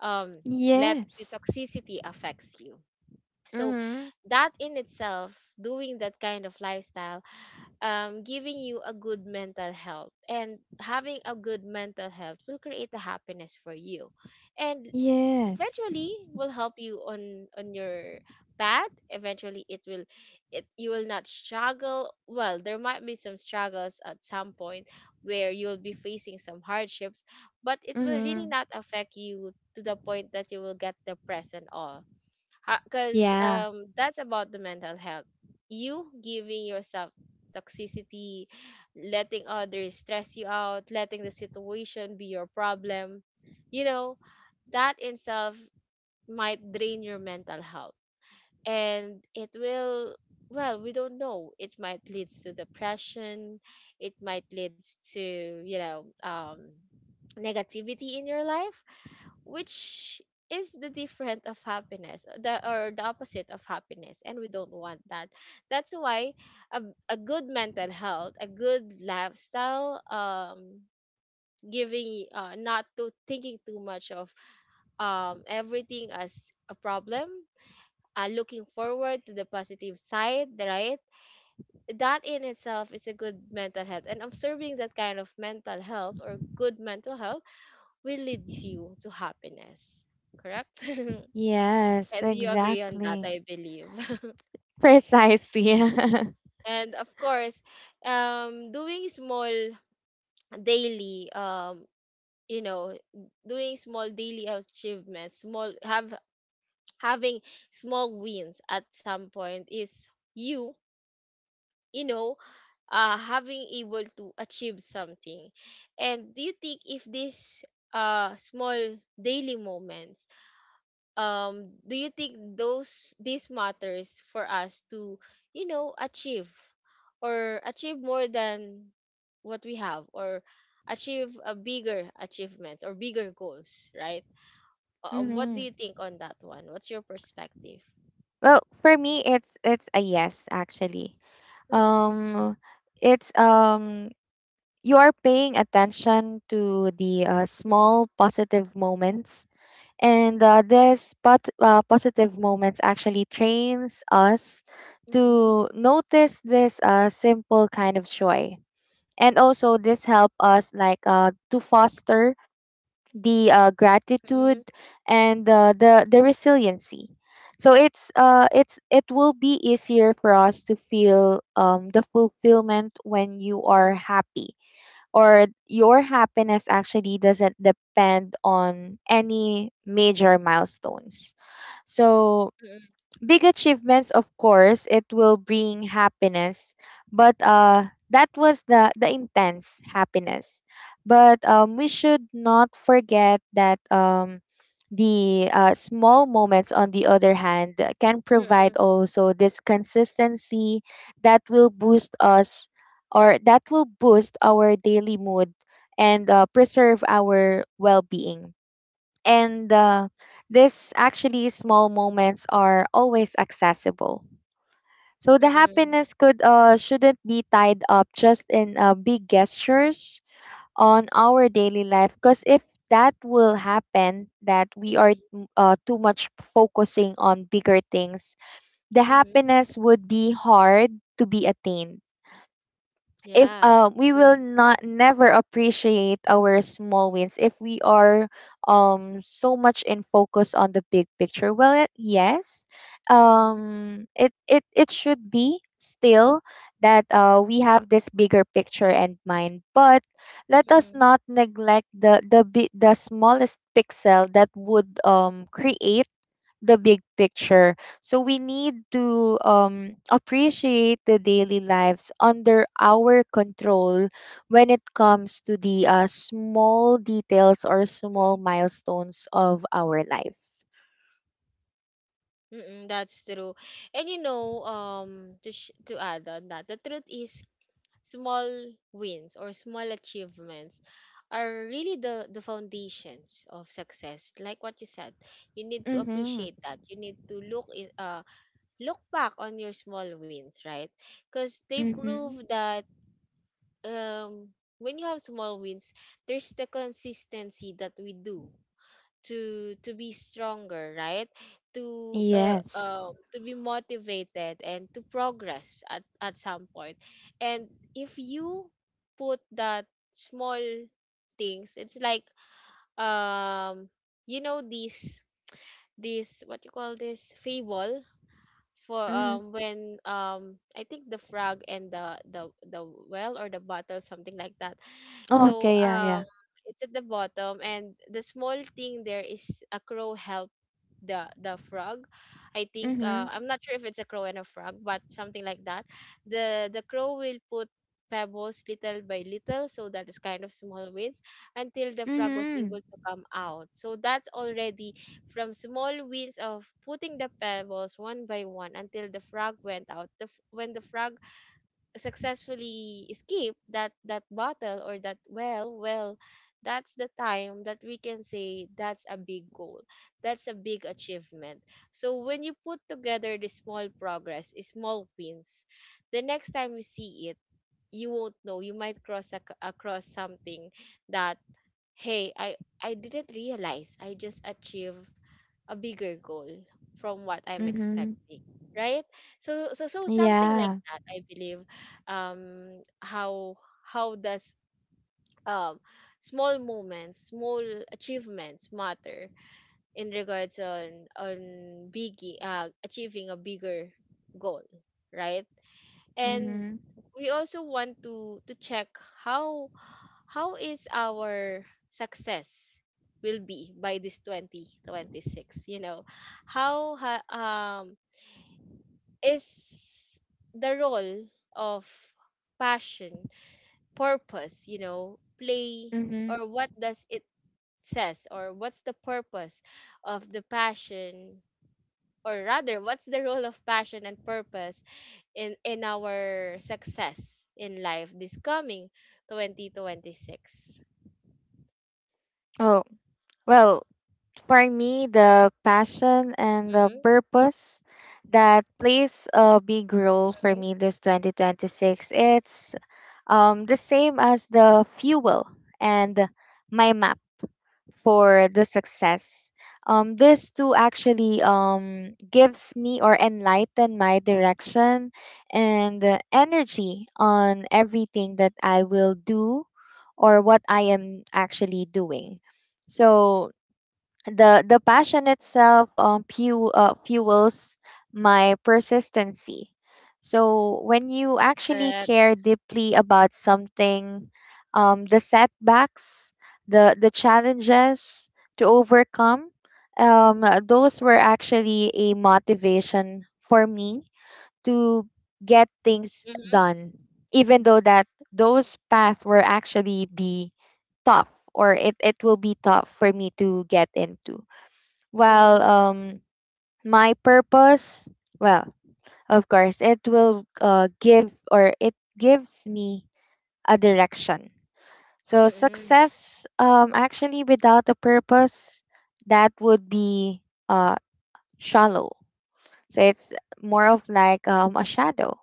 A: um let the
B: Yes.
A: toxicity affects you. So
B: Mhm.
A: that in itself, doing that kind of lifestyle, giving you a good mental health, and having a good mental health will create a happiness for you, and
B: Yes.
A: eventually will help you on your path. Eventually it will, it you will not struggle. Well, there might be some struggles at some point where you'll be facing some hardships, but it will really
B: Mhm.
A: not affect you to the point that you will get depressed and all. Because
B: Yeah.
A: that's about the mental health. You giving yourself toxicity, letting others stress you out, letting the situation be your problem, you know, that in itself might drain your mental health, and it will, well, we don't know, it might leads to depression, it might leads to, you know, negativity in your life, which is the different of happiness, the or the opposite of happiness, and we don't want that. That's why a, a good mental health, a good lifestyle, giving not to thinking too much of everything as a problem, looking forward to the positive side, right? That in itself is a good mental health, and observing that kind of mental health or good mental health will lead you to happiness, correct?
B: Yes,
A: And you agree on that,
B: exactly.
A: I believe.
B: Precisely.
A: And of course, doing small daily, you know, doing small daily achievements, small have having small wins at some point is you, you know, having able to achieve something. And do you think if this small daily moments do you think those these matters for us to achieve or achieve more than what we have or achieve a bigger achievements or bigger goals, right? What do
B: Mhm.
A: you think on that one? What's your perspective?
B: Well, for me it's a yes actually.
A: Mm-mm,
B: Um it's you are paying attention to the small
A: mm-mm,
B: positive moments. And positive moments actually trains us
A: mm-mm,
B: to notice this simple kind of joy. And also this help us like to foster the gratitude
A: mm-mm,
B: and the resiliency. So it's it will be easier for us to feel the fulfillment when you are
A: mm-mm,
B: happy, or your happiness actually doesn't depend on any major milestones. So big achievements of course it will bring happiness, but that was the intense happiness. But we should not forget that the small moments on the other hand can provide
A: mm-mm,
B: also this consistency that will boost us, or that will boost our daily mood, and preserve our well-being. And this actually small moments are always accessible, so the
A: mm-mm, mm-mm,
B: happiness could shouldn't be tied up just in big gestures on our daily life. Because if that will happen that we are
A: mm-mm,
B: too much focusing on bigger things, the
A: mhm.
B: happiness would be hard to be attained, if
A: Yeah,
B: we will
A: true.
B: not never appreciate our small wins, if we are so much in focus on the big picture. Well, it, yes,
A: Mm-mm,
B: it, it it should be still that we have this bigger picture in mind, but let us
A: mm-mm,
B: not neglect the the smallest pixel that would create the big picture. So we need to appreciate the daily lives under our control when it comes to the small details or small milestones of our life.
A: mm-mm, that's true. And you know, to add on that, the truth is, small wins or small achievements are really the foundations of success. Like what you said, you need to
B: Mm-hmm.
A: appreciate that. You need to look in, look back on your small wins, right? Because they prove
B: Mm-hmm.
A: that um, when you have small wins, there's the consistency that we do to be stronger, right? To
B: Yes.
A: to be motivated and to progress at some point. And if you put that small things, it's like, um you know, this what you call, this fable for,
B: Mm-hmm.
A: when I think the frog and the well, or the bottle, something like that.
B: Oh,
A: So
B: okay. Yeah. Yeah.
A: it's at the bottom, and the small thing there is a crow help the frog. I think,
B: Mm-hmm.
A: I'm not sure if it's a crow and a frog, but something like that. The crow will put pebbles little by little, so that is kind of small wins until the frog was
B: Mm-hmm.
A: able to come out. So that's already from small wins of putting the pebbles one by one until the frog went out. When the frog successfully escaped that, bottle, or that well, that's the time that we can say that's a big goal. That's a big achievement. So when you put together the small progress, small wins, the next time you see it, you won't know. You might across something that, hey, I didn't realize I just achieved a bigger goal from what I'm
B: Mm-hmm.
A: expecting, right? So something like
B: Yeah.
A: that, I believe. How how does, um small moments, small achievements matter in regards on big, achieving a bigger goal, right? And
B: Mm-hmm.
A: we also want to check how how is our success will be by this 2026, you know? How is the role of passion, purpose, you know, play,
B: Mm-hmm.
A: or what does it says, or what's the purpose of the passion, or rather what's the role of passion and purpose in our success in life this coming 2026?
B: Oh, well, for me, the passion and the
A: Mm-hmm.
B: purpose that plays a big role for me this 2026, it's the same as the fuel and my map for the success. This two actually gives me or enlighten my direction and energy on everything that I will do, or what I am actually doing. So the passion itself fuels my persistency. So when you actually
A: Correct.
B: care deeply about something, the setbacks, the challenges to overcome, those were actually a motivation for me to get things
A: Mm-hmm.
B: done, even though that those paths were actually be tough, or it will be tough for me to get into,
A: Mm-hmm.
B: well, my purpose, well, of course, it will give or it gives me a direction. So
A: Mm-hmm.
B: success, actually, without a purpose, that would be uh, shallow. So it's more of like a shadow.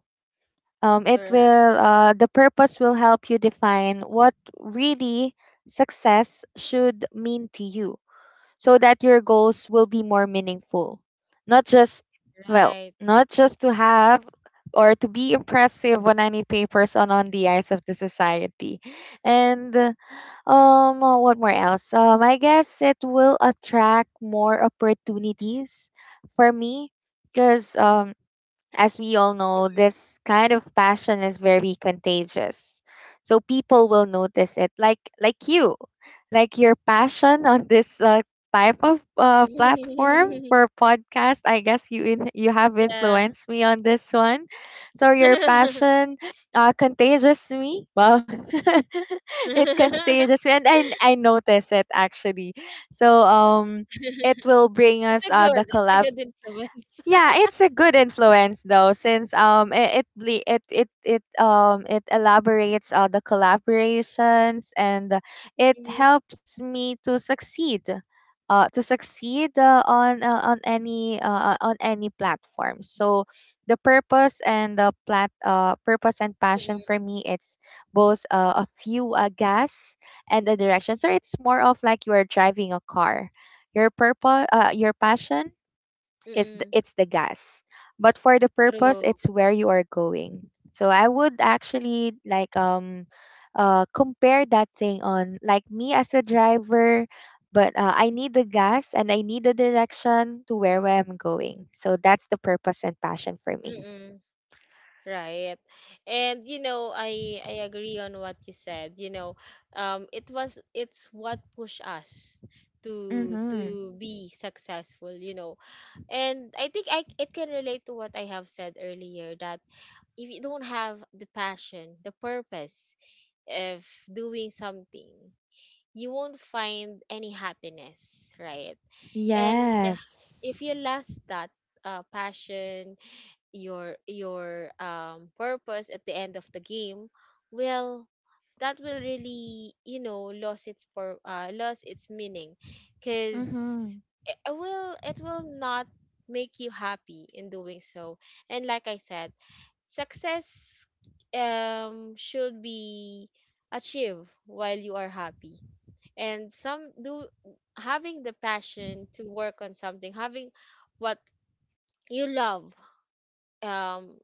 B: It
A: Correct.
B: will, the purpose will help you define what really success should mean to you, so that your goals will be more meaningful. Not just, well,
A: Right.
B: not just to have or to be impressive on any papers and on the eyes of the society. And what more else? I guess it will attract more opportunities for me, because as we all know, this kind of passion is very contagious. So people will notice it, like you, like your passion on this type of platform for podcast. I guess you have
A: Yeah.
B: influenced me on this one. So your
A: It's
B: passion contagious me. Well, it contagious me, and I notice it actually. So it will bring
A: a
B: us
A: good,
B: the
A: it's a good
B: collab,
A: influence.
B: yeah, it's a good influence though, since it it ble- it it elaborates the collaborations, and it
A: Mm-hmm.
B: helps me to succeed on any platform. So the purpose and the plat purpose and passion
A: Mm-hmm.
B: for me, it's both a few, a gas and a direction. So it's more of like you are driving a car. Your purpose, your passion is
A: Mm-hmm.
B: it's the gas, but for the purpose
A: True.
B: it's where you are going. So I would actually like compare that thing on, like, me as a driver. But I need the gas and I need the direction to where I'm going. So that's the purpose and passion for me.
A: Mm-hmm. Right. And you know, I agree on what you said. You know, it was, it's what pushed us to
B: Mhm.
A: be successful, you know. And I think I it can relate to what I have said earlier, that if you don't have the passion, the purpose of doing something, you won't find any happiness, right? And
B: Yes.
A: if you lost that, passion, your purpose at the end of the game, well, that will really, you know, lose its for, lose its meaning, because
B: Mhm.
A: it it will not make you happy in doing so. And like I said, success should be achieved while you are happy. And some do, having the passion to work on something, having what you love, um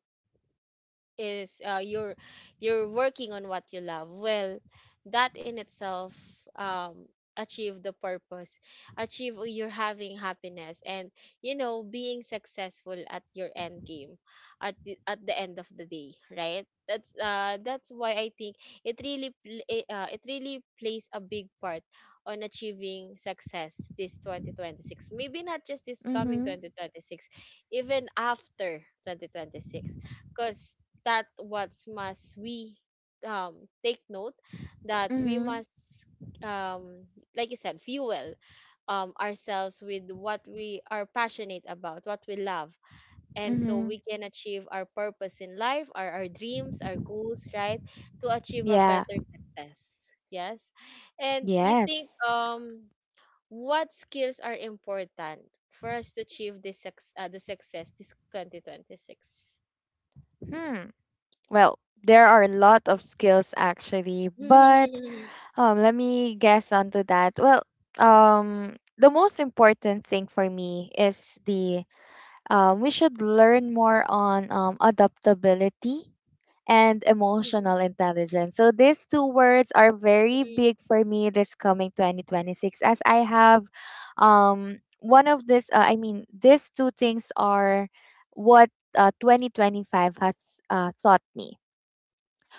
A: is, you're working on what you love, well, that in itself, um achieve the purpose, achieve, you're having happiness, and you know, being successful at your end game, at the end of the day, right? That's that's why I think it really it really plays a big part on achieving success this 2026, maybe not just this coming
B: Mhm.
A: 2026, even after 2026, because that what must we, um take note, that we
B: Mhm.
A: must, um like you said, fuel, ourselves with what we are passionate about, what we love, and so we
B: Mhm.
A: can achieve our purpose in life, our dreams, our goals, right? To achieve a
B: Yeah.
A: better success. Yes. And you think,
B: Yes.
A: what skills are important for us to achieve the success this 2026?
B: Hmm. Well, there are a lot of skills actually, but let me guess onto that. Well, the most important thing for me is the we should learn more on adaptability and emotional intelligence. So these two words are very big for me this coming 2026, as I have one of this I mean these two things are what 2025 has taught me.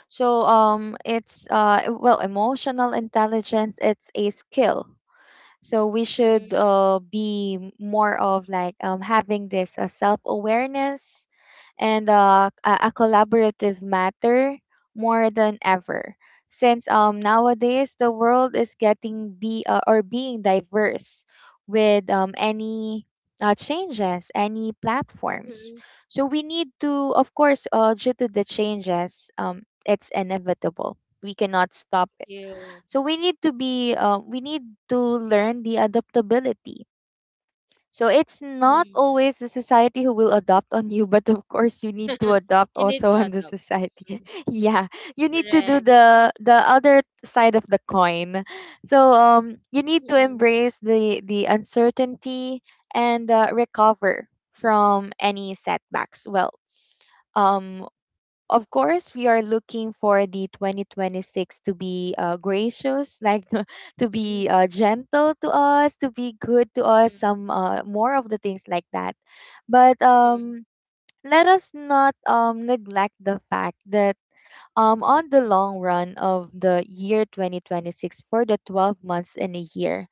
B: So it's well, emotional intelligence, it's a skill. So we
A: Mm,
B: should be more of like having this self-awareness and a collaborative matter, more than ever, since nowadays the world is getting be or being diverse with any changes, any
A: mm,
B: platforms. So we need to, of course, due to the changes, it's inevitable, we cannot stop it.
A: still,
B: So we need to be we need to learn the adaptability. So it's not
A: mm.
B: always the society who will adopt on you, but of course you need to adopt
A: You need
B: also
A: to
B: on the
A: adapt. Mm,
B: society. Yeah, you need to do
A: correct.
B: the other side of the coin. So you need to
A: Mm,
B: embrace the uncertainty and recover from any setbacks. Well, um, of course, we are looking for the 2026 to be gracious, like, to
A: mm,
B: be gentle to us, to be good to us,
A: mm,
B: some, more of the things like that. But
A: mm,
B: let us not neglect the fact that, on the long run of the year 2026, for the 12 months in a year,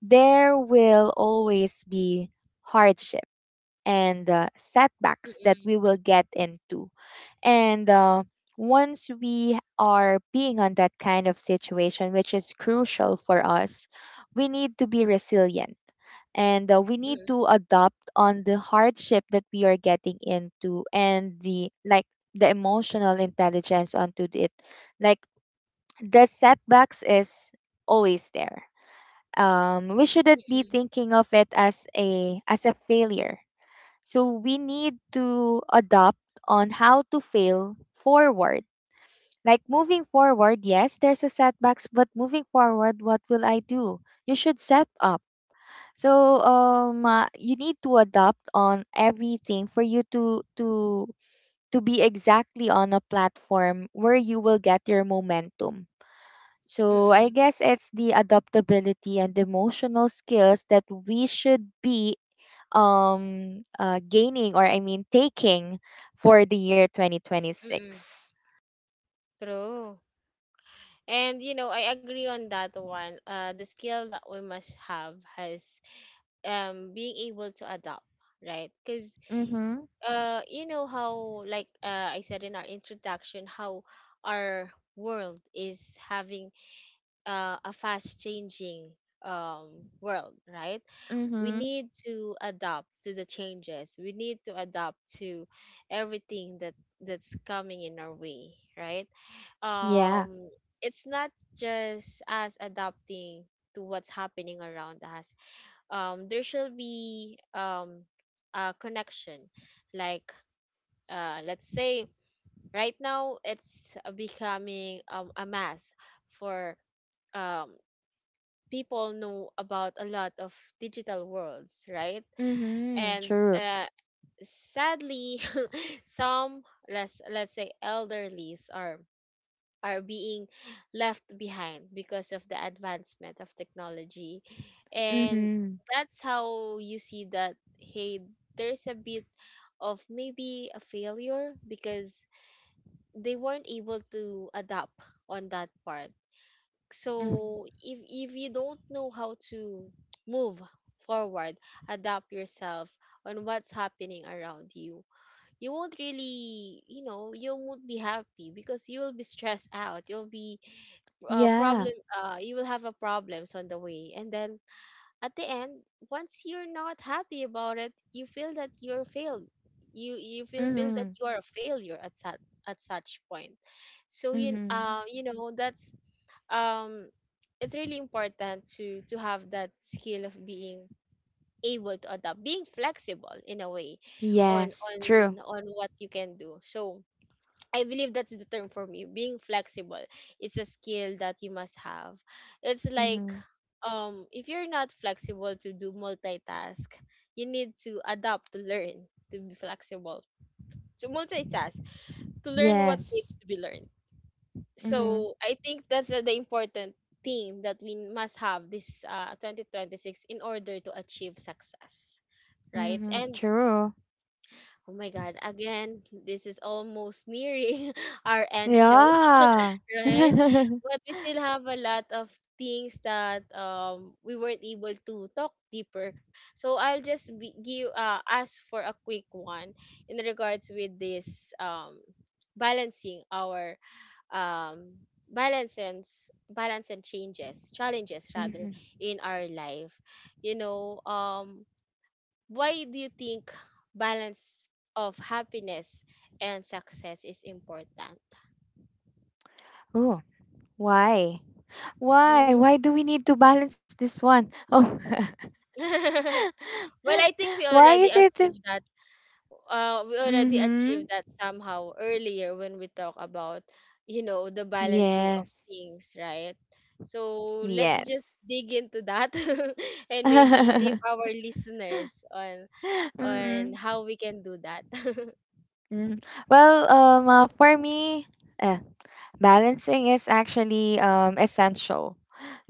B: there will always be hardship and setbacks
A: mm,
B: that we will get into. And once we are being on that kind of situation, which is crucial for us, we need to be resilient. And we
A: mm,
B: need to adopt on the hardship that we are getting into, and the like, the emotional intelligence onto it. Like, the setbacks is always there. We shouldn't be thinking of it as a failure. So we need to adopt on how to fail forward. Like, moving forward, yes, there's a setbacks, but moving forward, what will I do? You should set up. So you need to adopt on everything for you to to be exactly on a platform where you will get your momentum. So I
A: mm,
B: guess it's the adaptability and emotional skills that we should be gaining, or I mean taking, for the year
A: mm,
B: 2026.
A: mm. True. And you know, I agree on that one. The skill that we must have has, being able to adapt, right? Because,
B: Mhm.
A: you know how like, I said in our introduction how our world is having, a fast changing, world, right? We
B: Mhm.
A: need to adapt to the changes. We need to adapt to everything that that's coming in our way, right?
B: Yeah.
A: Um, it's not just us adapting to what's happening around us. There should be, a connection, like, let's say right now it's becoming, a mass for, um people know about a lot of digital worlds, right?
B: Mhm.
A: And,
B: True.
A: uh, sadly, some, let's say elderlies are being left behind because of the advancement of technology, and
B: Mhm.
A: that's how you see that, hey, there's a bit of maybe a failure because they weren't able to adapt on that part.
B: Mhm.
A: So if you don't know how to move forward, adapt yourself on what's happening around you, you won't really, you know, you won't be happy because you will be stressed out, you'll be,
B: Yeah.
A: problem, you will have a problems on the way, and then at the end, once you're not happy about it, you feel that you're failed, you feel that
B: Mhm.
A: you are a failure at such, at such point. So you,
B: Mhm.
A: you know, that's, um it's really important to have that skill of being able to adapt, being flexible in a way, on
B: Yes, true.
A: what you can do. So I believe that's the term for me, being flexible is a skill that you must have. It's like,
B: Mhm.
A: if you're not flexible to do multitask, you need to adapt to learn to be flexible, to multitask, to learn what needs
B: Yes.
A: to be learned.
B: Mhm.
A: So I think that's, the important theme that we must have this, 2026 in order to achieve success, right?
B: Mhm.
A: And,
B: True.
A: oh my god, again this is almost nearing our end show.
B: Yeah.
A: Right? But we still have a lot of things that, we weren't able to talk deeper, so give, ask for a quick one in regards with this, balancing our, um balance and changes challenges rather
B: Mhm.
A: in our life. You know, why do you think balance of happiness and success is important?
B: Oh, why? Why?
A: Mm-hmm.
B: Why do we need to balance this one? Oh,
A: Well, I think we
B: why
A: already
B: is it?
A: achieved that, we already
B: Mhm.
A: achieved that somehow earlier when we talk about, you know, the balancing of
B: Yes.
A: things, right? So let's just
B: Yes.
A: dig into that and maybe leave our listeners on
B: Mm,
A: how we can do that.
B: mm. Well, for me, eh, balancing is actually essential.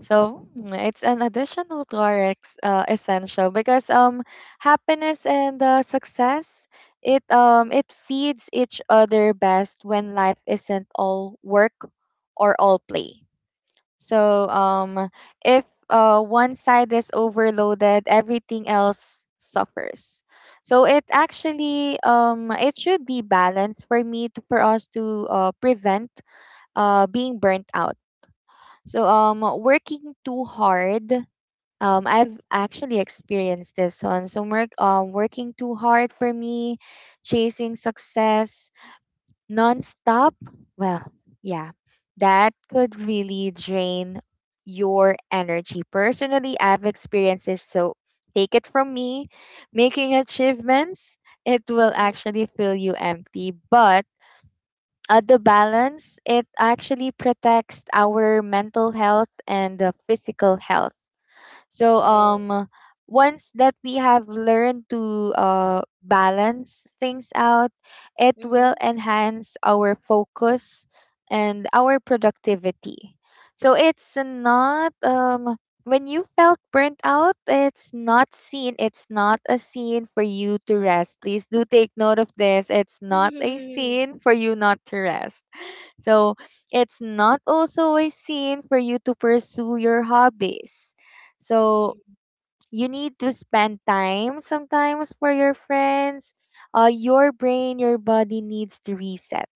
B: So, it's an additional to our essential, because happiness and success, it feeds each other best when life isn't all work or all play. So if one side is overloaded, everything else suffers. So it actually, it should be balanced for for us to prevent being burnt out. So working too hard. I've actually experienced this one. So working too hard for me, chasing success nonstop, well, yeah, that could really drain your energy. Personally, I've experienced this, so take it from me. Making achievements, it will
A: Mhm,
B: actually fill you empty, but at the balance, it actually protects our mental health and the physical health. So
A: true.
B: once that we have learned to balance things out, it will
A: Mm-hmm.
B: enhance our focus and our productivity. So it's not when you felt burnt out, it's not seen. It's not a scene for you to rest. Please do take note of this. It's not a scene for you not to rest. So it's not also a sin for you to pursue your hobbies. So you need to spend time sometimes for your friends. Your brain, your body needs to reset.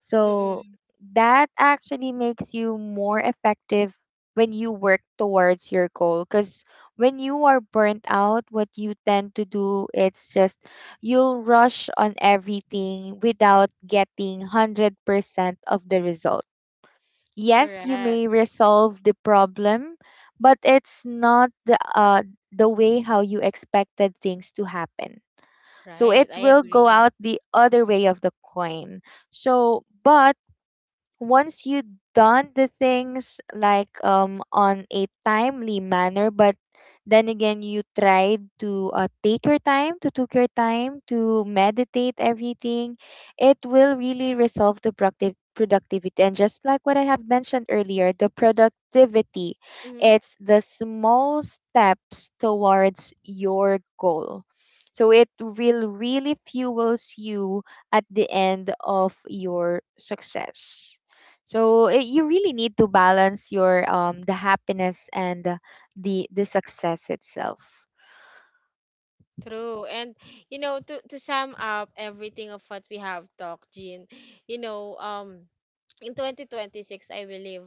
B: So
A: Mm-mm.
B: that actually makes you more effective when you work towards your goal. Because when you are burnt out, what you tend to do, it's just you'll rush on everything without getting 100% of the result. Yes, you may
A: Correct.
B: resolve the problem, but it's not the way how you expected things to happen. So
A: Right.
B: it
A: I
B: will go
A: agree.
B: out the other way of the coin. So, but once you done the things like on a timely manner, but then again you tried to take your time to took your time to meditate everything, it will really resolve the productive productivity. And just like what I have mentioned earlier, the productivity,
A: Hmm.
B: it's the small steps towards your goal. So it will really fuels you at the end of your success. So it, you really need to balance your the happiness and the the success itself.
A: True. And you know, to sum up everything of what we have talked, Jean, you know, in 2026, I believe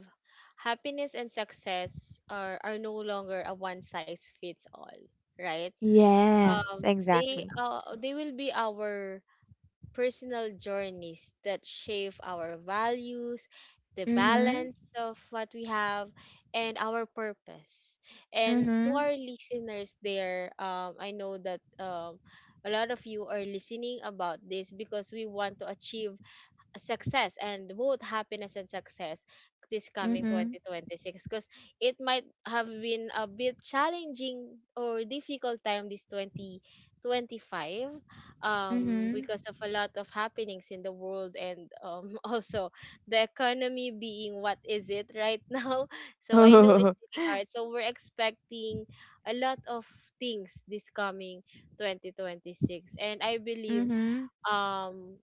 A: happiness and success are no longer a one size fits all, right?
B: Yes,
A: Um, they,
B: exactly.
A: they will be our personal journeys that shape our values, the
B: Mhm.
A: balance of what we have, and our purpose. And to
B: Mhm.
A: our listeners there, I know that, a lot of you are listening about this because we want to achieve success, and both happiness and success this coming
B: Mhm.
A: 2026, because it might have been a bit challenging or difficult time this 2025,
B: Mhm.
A: because of a lot of happenings in the world, and also the economy being what is it right now. So I know it's really hard, so we're expecting a lot of things this coming 2026, and I believe,
B: Mhm.
A: um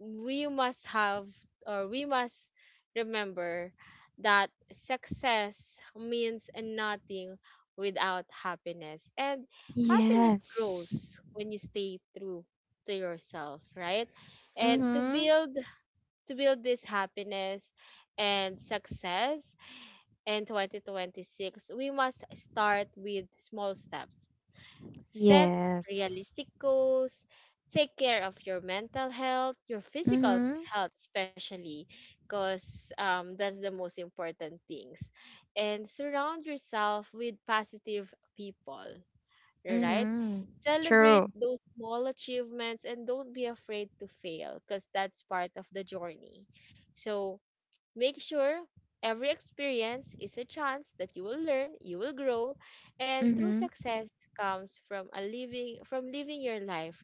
A: we must have, or we must remember that success means nothing without happiness, and happiness
B: Yes.
A: grows when you stay true to yourself, right? And
B: Mhm.
A: to build this happiness and success in 2026, we must start with small steps. Set
B: Yes.
A: realistic goals. Take care of your mental health, your physical
B: Mhm.
A: health, especially, because, that's the most important things. And surround yourself with positive people, right?
B: Mhm.
A: Celebrate
B: True.
A: those small achievements, and don't be afraid to fail, because that's part of the journey. So, make sure every experience is a chance that you will learn, you will grow, and true
B: Mhm.
A: success comes from a living from living your life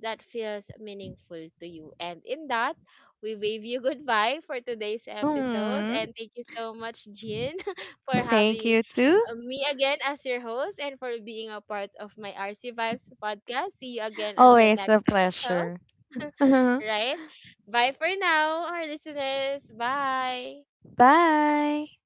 A: that feels meaningful to you. And in that, we wave you goodbye for today's episode.
B: Hmm.
A: And thank you so much, Jean, for
B: Thank
A: having,
B: you too.
A: me again as your host and for being a part of my RC Vibes podcast. See you again on the
B: Always a
A: next episode,
B: pleasure.
A: right? Bye for now, our listeners. Bye.
B: Bye.